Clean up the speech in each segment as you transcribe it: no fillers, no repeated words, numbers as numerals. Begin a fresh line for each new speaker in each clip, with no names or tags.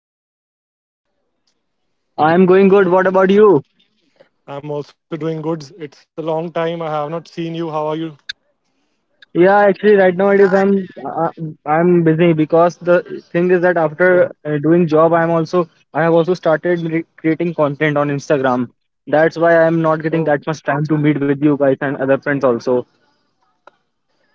Hi Rishabh, how have you been doing today?
I'm going good. What about you?
I'm also doing good. It's a long time. I have not seen you. How are you?
Yeah, actually, right now it is. I'm busy because the thing is that after
Oh,
doing job, I have also started creating content on Instagram. That's why I'm not getting that much
oh.
time to meet with you guys and other friends also.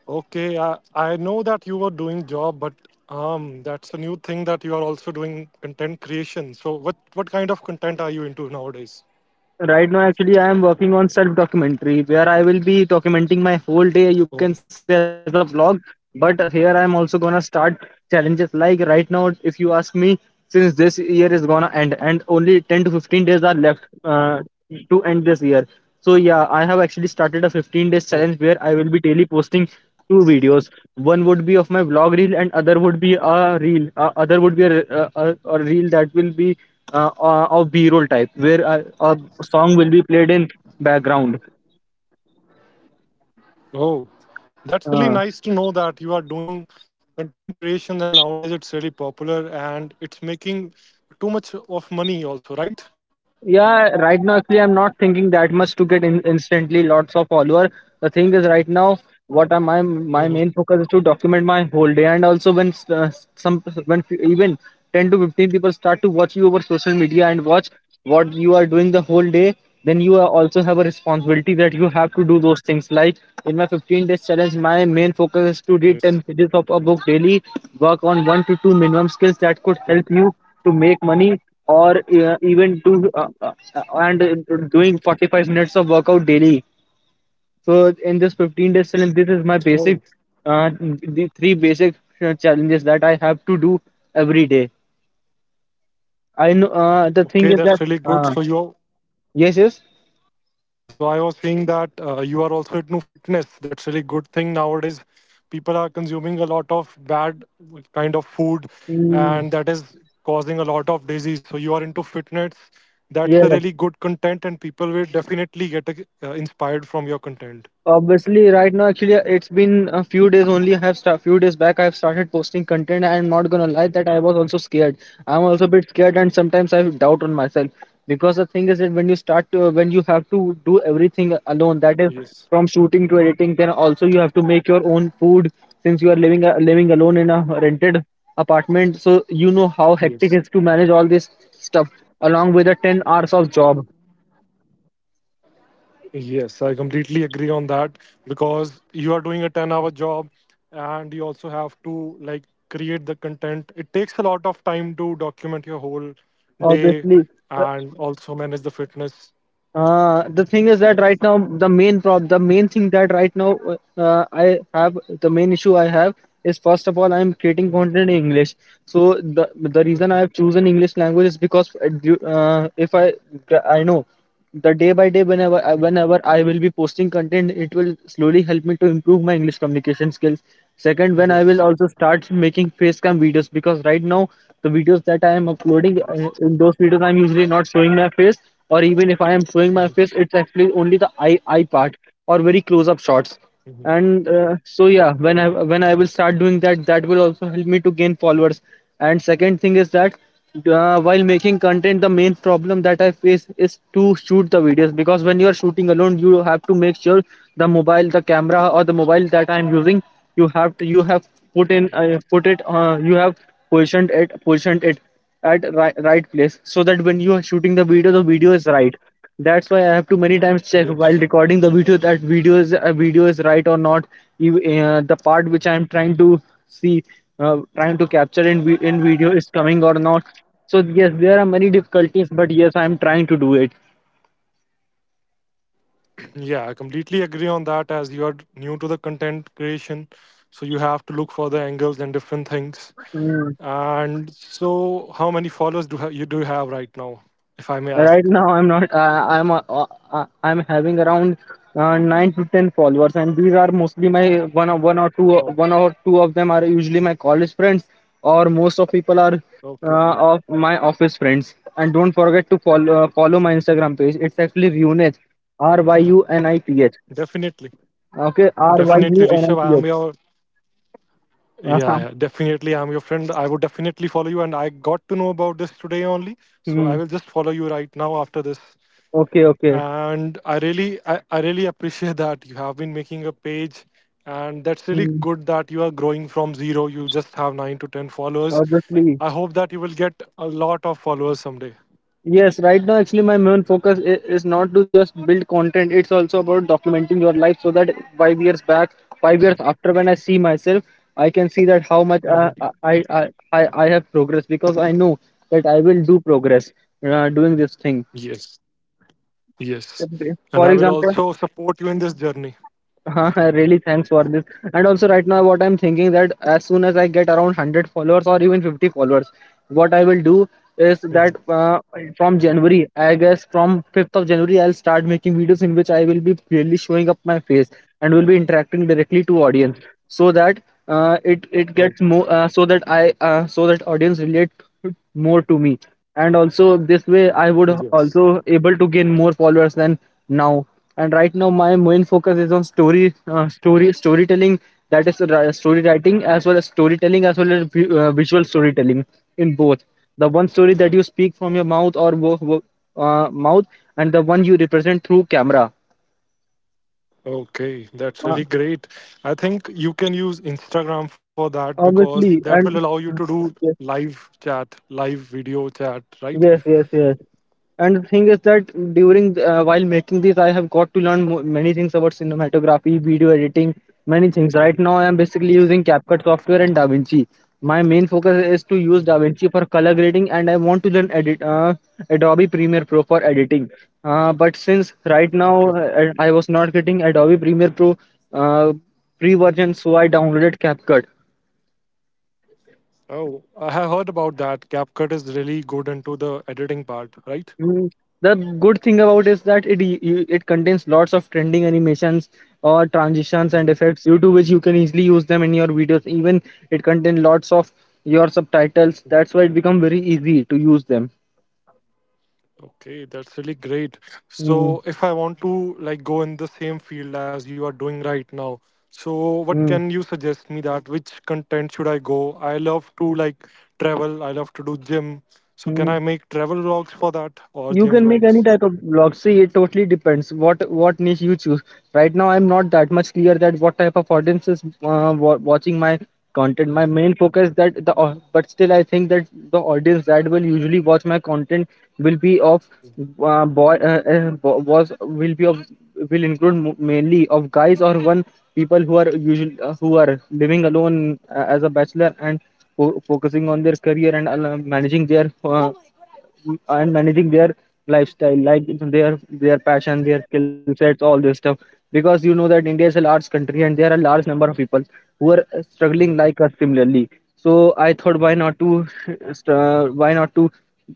Okay, I know that you were doing job, but that's a new thing that you are also doing content creation. So what kind of content are you into nowadays?
Right now, actually, I am working on self documentary where I will be documenting my whole day, you
Oh,
can say, as a vlog. But here I'm also gonna start challenges like right now, if you ask me, since this year is gonna end and only 10 to 15 days are left to end this year. So, yeah, I have actually
oh,
started a 15 days challenge where I will be daily posting two videos. One would be of my vlog reel, and other would be a reel that will be of b-roll type, where a song will be played in background
oh. That's really nice to know
uh,
that you are doing content creation, and nowadays it's really popular and it's making too much of money also, right?
Yeah, right now actually I'm not thinking that much to get in instantly lots of follower. The thing is right now what am my
Hmm.
my main focus is to document my whole day, and also when s- some when f- even 10 to 15 people start to watch you over social media and watch what you are doing the whole day. Then you are also have a responsibility that you have to do those things. Like, in my 15 days challenge my main focus is
Yes.
to read 10 pages of a book daily, work on one to two minimum skills that could help you to make money, or even to and doing 45 minutes of workout daily. So in this 15 days challenge this is my
Oh,
basic, the three basic challenges that I have to do every day. I know, the
okay.
thing
That's
is
really
that,
good. So
uh,
you...
yes, yes.
Yeah, so I was saying that you are also into fitness. That's really good thing nowadays. People are consuming a lot of bad kind of food,
Mm.
and that is causing a lot of disease. So you are into fitness. That's a
Yes.
really good content, and people will definitely get inspired from your content.
Obviously, right now, actually, it's been a few days only. Few days back, I have started posting content. I'm not gonna lie that I was also scared. I'm also a bit scared, and sometimes I have doubt on myself, because the thing is that when you have to do everything alone, that is
Yes.
from shooting to editing, then also you have to make your own food, since you are living alone in a rented apartment. So you know how hectic it
Yes.
is to manage all this stuff along with the 10 hours of job.
Yes, I completely agree on that because you are doing a 10-hour hour job and you also have to like create the content. It takes a lot of time to document your whole day
Obviously.
and also manage the fitness.
The thing is that
Yes.
right now the main thing that right now, I have, the main issue I have is, first of all, I am creating
Mhm,
content in English. So the reason I
mhm,
have chosen English language is because du- if I gra- I know, the day by day, whenever
mhm.
whenever I will be posting content, it will slowly help me to improve my English communication skills. Second, when I will
Yes.
also start making face cam videos, because right now the videos that I am uploading
Yes.
in those videos I'm usually not showing my face, or even if I am showing my
Mhm,
face, it's actually only the eye part, or very close up shots.
mhm.
And uh, so yeah,
Oh,
when I will start doing that, that will also help me to gain followers. And second thing is that, while making content, the main problem that I face is to shoot the videos, because when you are shooting alone you have to make sure the camera, or the mobile that I am using. You have to, you have
mhm.
put it, you have positioned it at right place, so that when you are shooting the video
Yes.
is right. That's why I have to many times check
Yes.
while recording the video, that video is right or not. The part which I am trying to see, capture in video is coming or not. So yes, there are many
Mhm.
difficulties, but yes, I am trying to do it.
Yeah, I completely agree on that as you are new to the content creation. So you have to look for the angles and different things.
Mm.
And so, how many followers do you have right now, if I may
Right
ask?
now, I'm not. I, I'm. I'm having around nine to ten followers, and these are mostly my one or one
Oh,
or two one or two of them are usually my college friends, or most of people are,
okay.
of my office friends. And don't forget to follow my Instagram page. It's actually Runith, R Y U N I T H.
Definitely,
Okay, R Y
definitely,
U
Rishabh.
N I
I
T
am
H.
your... Yeah, yeah. Definitely, I am your friend. I would definitely follow you, and I got to know about this today only. So
Hmm.
I will just follow you right now after this.
Okay, okay.
And I really appreciate that you have been making a page, and
Hmm.
that's really good that you are growing from zero. You just have nine to ten followers.
Obviously.
I hope that you will get a lot of followers someday.
Yes, right now actually my main focus is not to just build content. It's also about documenting your life, so that 5 years back, 5 years after, when I see myself, I can see that how much I
Hmm.
I I, I I have progressed, because I know that I will do progress doing this thing.
Yes. Yes.
For
And I
example,
will also support you in this journey.
really, thanks for this. And also right now what I'm thinking, that as soon as I get around 100 followers, or even 50 followers, what I will do is
Mhm.
that, from January, I guess from 5th of January, I'll start making videos in which I will be clearly showing up my face, and will be interacting directly to audience, so that it
Oh,
it gets more, so that audience relate more to me, and also this way I would
yes.
also able to gain more followers than now. And right now my main focus is on storytelling, that is story writing, as well as storytelling, as well as visual storytelling, in both: the one story that you speak from your mouth, or mouth, and the one you represent through camera
Okay.
uh,
That's really great. I think you can use Instagram for that because
Obviously.
that will
And
allow you to do
yes,
live chat, live video chat, right?
yes, yes, yes. And the thing is that, while making this, I have got to learn many things about cinematography, video editing, many things.
Mhm.
Right now, I am basically
Yes.
using CapCut software and DaVinci. My main focus is to use
Mhm.
DaVinci for color grading, and I want to learn edit Adobe Premiere Pro for editing. But since right now,
Okay.
I was not getting Adobe Premiere Pro uh, free version, so I downloaded CapCut.
Oh, I have heard about that. CapCut is really good into the editing part, right?
Mm. The good thing about is that it contains lots of trending animations, or transitions and
Mm-hmm.
effects, due to which you can easily use them in your videos. Even it contains lots of your subtitles. That's why it become very easy to use them.
Okay, that's really great.
Mm,
So if I want to like go in the same field as you are doing right now, so what
mm,
can you suggest me that which content should I go? I love to like travel, I love to do gym. So can
mm.
I make travel vlogs for that or
You
gym
can make any
vlogs?
type of blog. See, it totally depends what niche you choose. Right now, I'm not that much clear that what type of audience is watching my content. My
Mhm.
main focus that the au- but still I think that the audience that will usually watch my content will be of, boy bo- was will be of will include mainly of guys, or one people who are usually, who are living alone, as a bachelor, and focusing on their career, and managing their, and managing their lifestyle, like their their passion, their skill sets, all this stuff. Because you know that India is a large country, and there are large number of people who are struggling like
Yeah.
us similarly. So I thought, why not to, why not to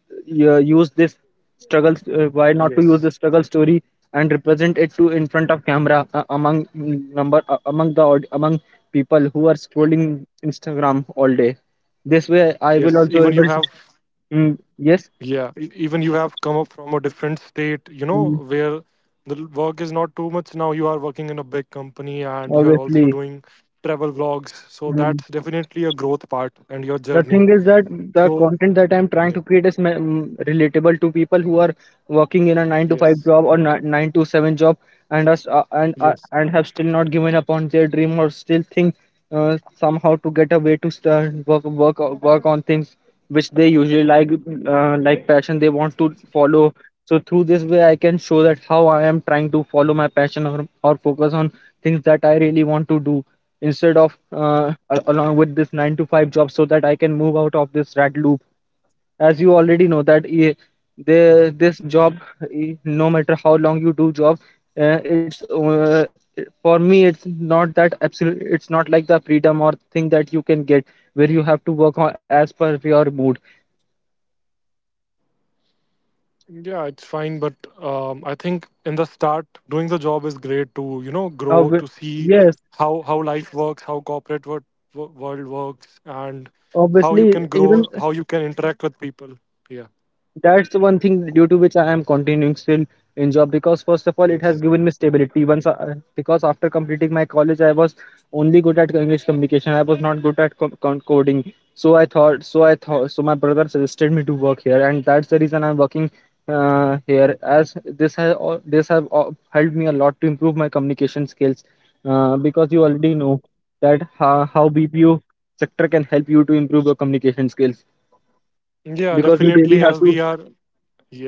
use this struggle why
Yes.
not to use this struggle story and represent it to, in front of camera among mm, number among the aud- among people who are scrolling Instagram all day. This way I
Yes.
will
Even
also
you
able
have...
to. Mm. Yes.
Yeah, even you have come up from a different state,
Mm.
where work is not too much now. You are working in a big company and you are also
Obviously.
doing travel vlogs. So
Mm.
that's definitely a growth part and your
The thing
journey.
is that the
So,
content that I'm trying to
yeah,
create is relatable to people who are working in a nine to five
yes,
job, or nine to seven job, and us
yes.
and have still not given up on their dream, or still think somehow to get a way to start work on things which they usually like, like passion they want to follow. So through this way, I can show that how I am trying to follow my passion or focus on things that I really want to do instead of along with this 9 to 5 job so that I can move out of this rat loop as you already know that the this job, no matter how long you do job, it's for me it's not that absolute, it's not like the freedom or thing that you can get where you have to work on as per your mood.
Yeah, it's fine. But I think in the start, doing the job is great to, grow,
Obvi-
to see
yes,
how life works, how corporate world works, and how you
obviously,
can
even
grow, how you can interact with people. Yeah.
that's the one thing due to which I am continuing still in job, because first of all it has
Yes.
given me stability once I, because after completing my college I was only good at English communication. I was not good at coding, so I thought, my brother suggested me to work here, and that's the reason I'm working here, as this has this have helped me a lot to improve my communication skills, because you already know that how BPO sector can help you to improve your communication skills, because
Yeah,
you really have
definitely.
to.
As we are,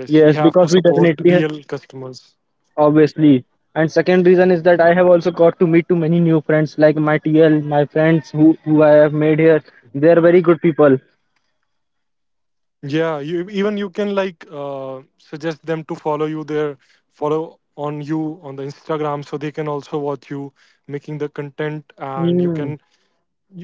Yes,
yes, we
because we
have to
definitely
support
have,
real customers.
obviously. And second reason is that
Yeah,
I have also got to meet too many new friends, like my TL, my friends who I have made here. They are very good people.
yeah. You even you can like suggest them to follow you there, follow on you on the Instagram, so they can also watch you making the content, and you
Mm,
can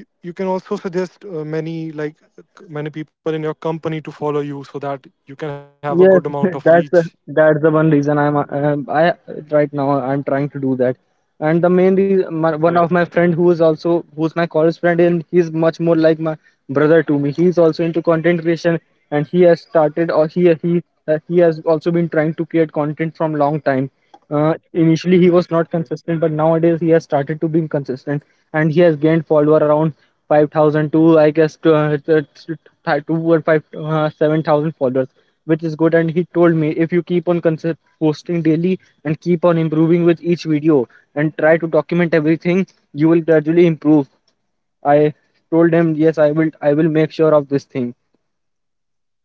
you, you can also suggest many like many people in your company to follow you, so that you can have a good amount
yes,
of reach.
that's that's the one reason I right now I'm trying to do that. And the main reason, my,
Oh,
one of my friend who is also who's my college friend, and he's much more like my brother to me. He's also into content creation and he has started or he has also been trying to create content from long time. Initially, he was not
yeah.
consistent, but nowadays he has started to be consistent, and he has gained follower around 5,000 to I guess to two or five 7,000 followers, which is good. And he told me if you keep on posting daily and keep on improving with each video and try to document everything, you will gradually improve. I told him yes, I will. I will make sure of this thing,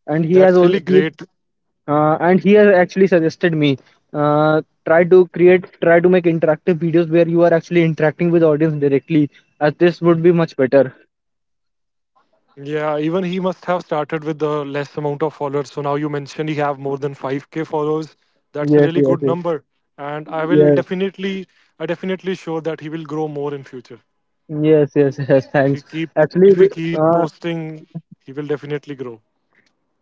and he has
That's
all
really great.
and he has actually suggested me uh, try to create, try to make interactive videos where you are actually interacting with audience directly, as this would be much better.
Yeah, even he must have started with the less amount of followers. So now you mentioned he have more than 5K followers. That's
yes
a really
yes yes
good number. And I
yes
will definitely... I definitely sure that he will grow more in future.
yes yes, yes thanks.
If we keep...
actually we-
if we keep
uh,
posting, he will definitely grow.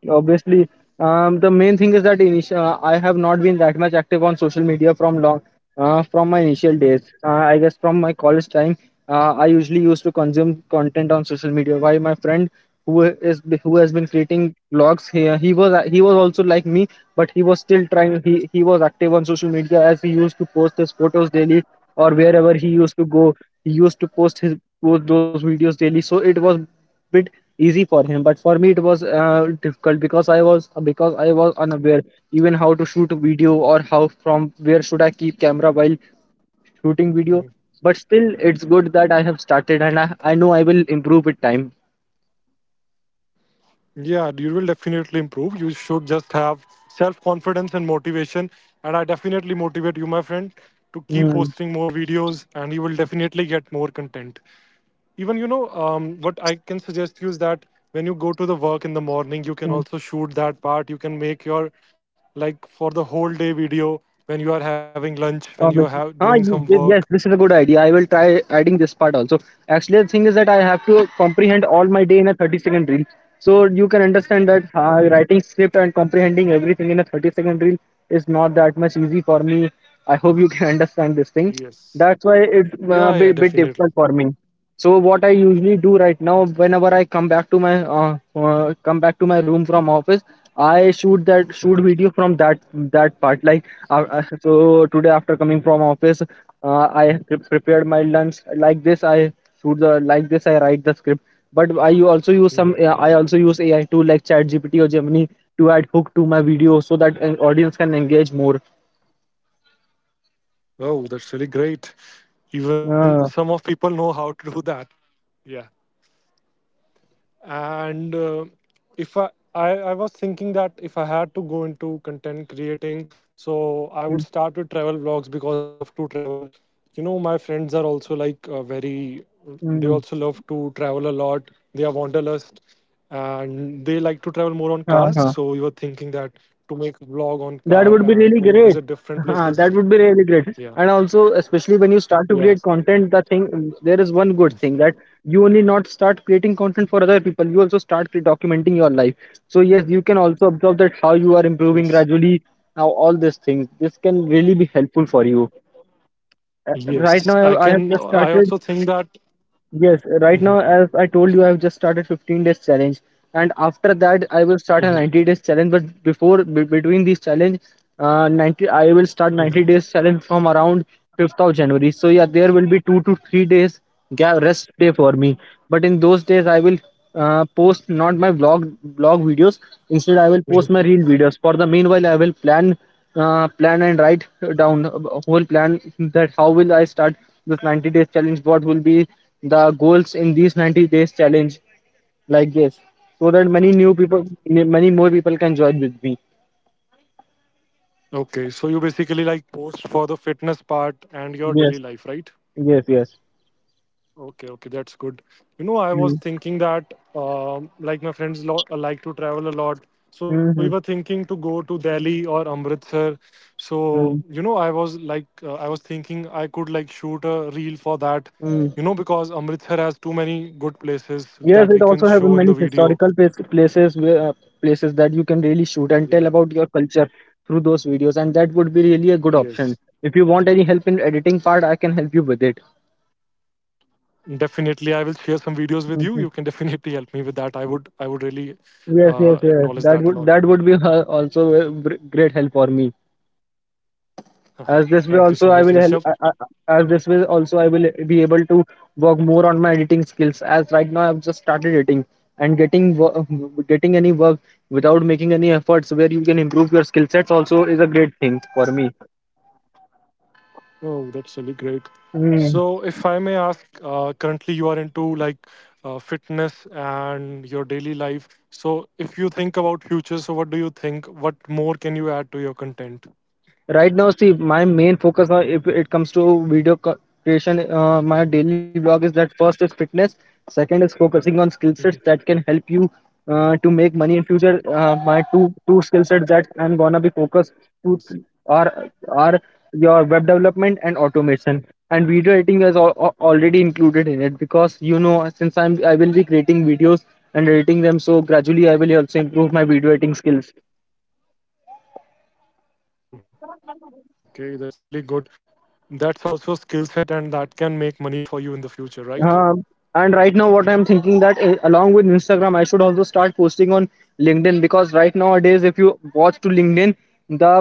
Obviously, the main thing is that initial, I have not been that much active on social media from long, from my initial days. I guess from my college time, I usually used to consume content on social media. While my friend who is who has been creating blogs here, he was also like me, but he was still trying. He was active on social media as he used to post his photos daily or wherever he used to go. He used to post his post those videos daily. So it was bit easy for him, but for me it was difficult, because I was unaware even how to shoot video, or how, from where should I keep camera while shooting video. But
Mhm.
still it's good that I have started, and I know I will improve with time.
Yeah, you will definitely improve. You should just have self-confidence and motivation. And I definitely motivate you, my friend, to keep
Hmm.
posting more videos, and you will definitely get more content. Even what I can suggest you is that when you go to the work in the morning, you can also shoot that part. You can make your, like, for the whole day video, when you are having
Obviously.
lunch, when you are doing some
Yes, this
work.
is a good idea. I will try adding this part also. Actually, the thing is that I have to comprehend all my day in a 30-second reel. So you can understand that
Okay.
writing script and comprehending everything in a 30-second reel is not that much easy for me. I hope you can understand this thing.
Yes.
That's why it's
Yeah, yeah,
a bit
definitely.
difficult for me. So what I usually do right now, whenever I come back to my come back to my room from office, I shoot video
Mhm,
from that part. Like so today after coming from office, I prepared my lunch like this. I shoot the like this. I write the script. But I also
mhm.
use AI tool like ChatGPT or Gemini to add hook to my video so that an audience can engage more.
Oh, that's really great. Even
Uh,
some of people know how to do that. Yeah. And if I, I was thinking that if I had to go into content creating, so I
mm,
would start with travel vlogs because I love to travel. My friends are also like very... They
mm,
also love to travel a lot. They are wanderlust, and they like to travel more on
uh-huh.
cars, so we were thinking that to make a vlog
That
on
would be
car
really great.
and to visit
That
different
would be really
places.
great. And
Yeah.
also, especially when you start to create content,
Yes,
the thing there is one good thing that you only not start creating content for other people. You also start documenting your life. So yes, you can also observe that how you are
yes,
improving gradually. Now all these things, this can really be helpful for you.
yes.
Right now,
I
I have
can...
just
I
started.
also think that
Yes, right now,
Mhm,
as I told you, I've just started 15 days challenge, and after that, I will start a
mhm,
90 days challenge. But before, be between these challenge, I will start 90
mhm.
days challenge from around 5th of January. So yeah, there will be 2 to 3 days gap rest day for me. But in those days, I will post not my vlog videos. Instead, I will
Mhm.
post my real videos. For the meanwhile, I will plan plan and write down a whole plan that how will I start this 90 days challenge, what will be the goals in these 90 days challenge, like this, so that many new people, many more people can join with me.
Okay, so you basically like post for the fitness part and your daily
Yes,
life, right?
yes, yes.
Okay, okay, that's good. You know, I was
Mm.
thinking that like my friends like to travel a lot. So we were
Mhm,
thinking to go to Delhi or Amritsar. So,
mm,
you know, I was like, I was thinking I could like shoot a reel for that,
mm.
because Amritsar has too many good places
Yes,
that
it
we
also
can
have
show in
many
the video.
historical places where places that you can really shoot and
Yeah,
tell about your culture through those videos, and that would be really a
yes.
good option. If you want any help in editing part, I can help you with
Definitely, I will share some videos with you. You
it.
can definitely help me with that. I would really
Yes, yes, yes.
acknowledge
That
that a
would,
lot.
that
Yeah.
would be also a great help for me. As this way
Thank you
also I
so
will
much,
help.
Rishabh.
As this way also I will be able to work more on my editing skills. As right now I've just started editing and getting getting any work without making any efforts where you can improve your skill sets also is a great thing for me.
Oh, that's really great.
Hmm.
So, if I may ask, currently you are into like fitness and your daily life. So, if you think about future, so what do you think? What more can you add to your content?
Right now, see, my main focus on if it comes to video creation, my daily vlog is that first is fitness, second is focusing on skill sets that can help you to make money in future. My two skill sets that I'm gonna be focused to
Yes.
are are your web development and automation, and video editing is already included in it because you know since I will be creating videos and editing them, so gradually I will also improve my video editing skills.
Okay, that's really good. That's also a skill set, and that can make money for you in the future, right?
Um, and right now, what I'm thinking, that along with Instagram, I should also start posting on LinkedIn, because right nowadays, if you watch to LinkedIn, the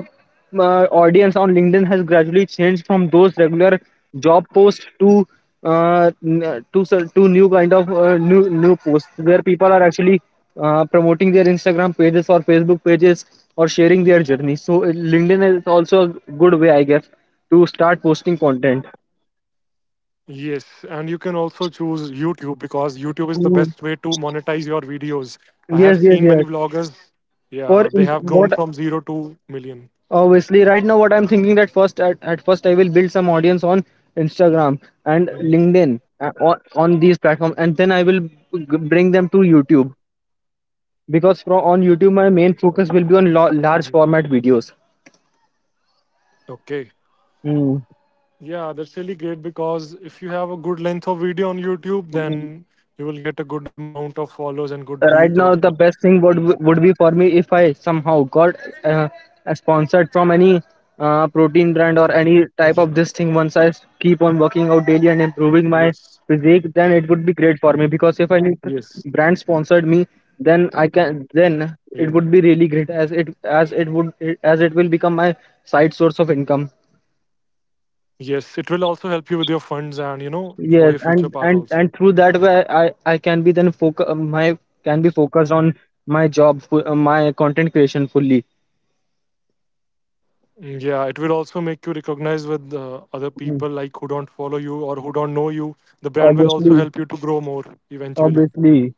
audience on LinkedIn has gradually changed from those regular job posts to to new kind of new posts where people are actually promoting their Instagram pages or Facebook pages or sharing their journey. So LinkedIn is also a good way, I guess, to start posting content.
Yes, and you can also choose YouTube because YouTube is the
Mm.
best way to monetize your videos. I
Yes,
have
yes, yes.
seen many vloggers,
for in,
yeah, they have
what
grown from zero to 1,000,000.
Obviously, right now what I'm thinking, that at first I will build some audience on Instagram and
Hmm.
LinkedIn, on these platforms, and then I will bring them to YouTube, because from on YouTube my
Oh,
main focus will be on
mhm.
large format videos.
Okay.
Hmm.
Yeah, that's really great because if you have a good length of video on YouTube, then you will get a good amount of follows and good views also.
Right now the best thing would be for me if I somehow got uh, sponsored from any protein brand or
Mhm.
any type of this thing. Once I keep on working out daily and
Yes,
improving my physique, then it would be great for me, because if
yes,
any brand sponsored me, then I can
yeah.
then it would be really great, as it, as it would as it will become my side source of income.
Yes, it will also help you with your funds and for your
Yes,
future
and
part
and
also.
and through that way I can be then focus my can be focused on my my content creation fully.
Mm. Yeah, it will also make you recognize with other
Mm.
people like who don't follow you or who don't know you. The brand will also
Obviously,
help you to grow more eventually.
obviously.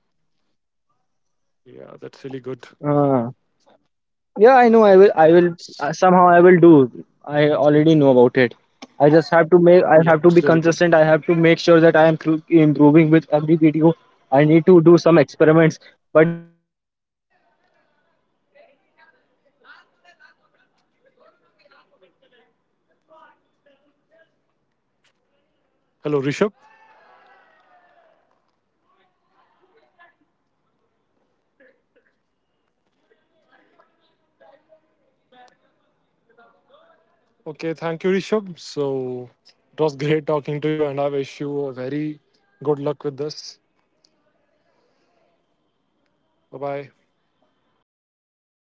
Yeah, that's really good.
Uh, yeah, I know. I will. Somehow, I will do. I already know about it. I just have to make.
Yeah,
I
it's
have to
really
be
good.
consistent. I have to make sure that I am improving with every video. I need to do some experiments. But yeah, I know I will make some changes. I will definitely move on, and I will definitely grow. It's just about to make sure that you are right, because my
Hello,
main
Rishabh.
focus is not just on vlogging. Hello.
Okay, thank you, Rishabh. So it was great talking to you, and I wish you a very good luck with this. Bye bye.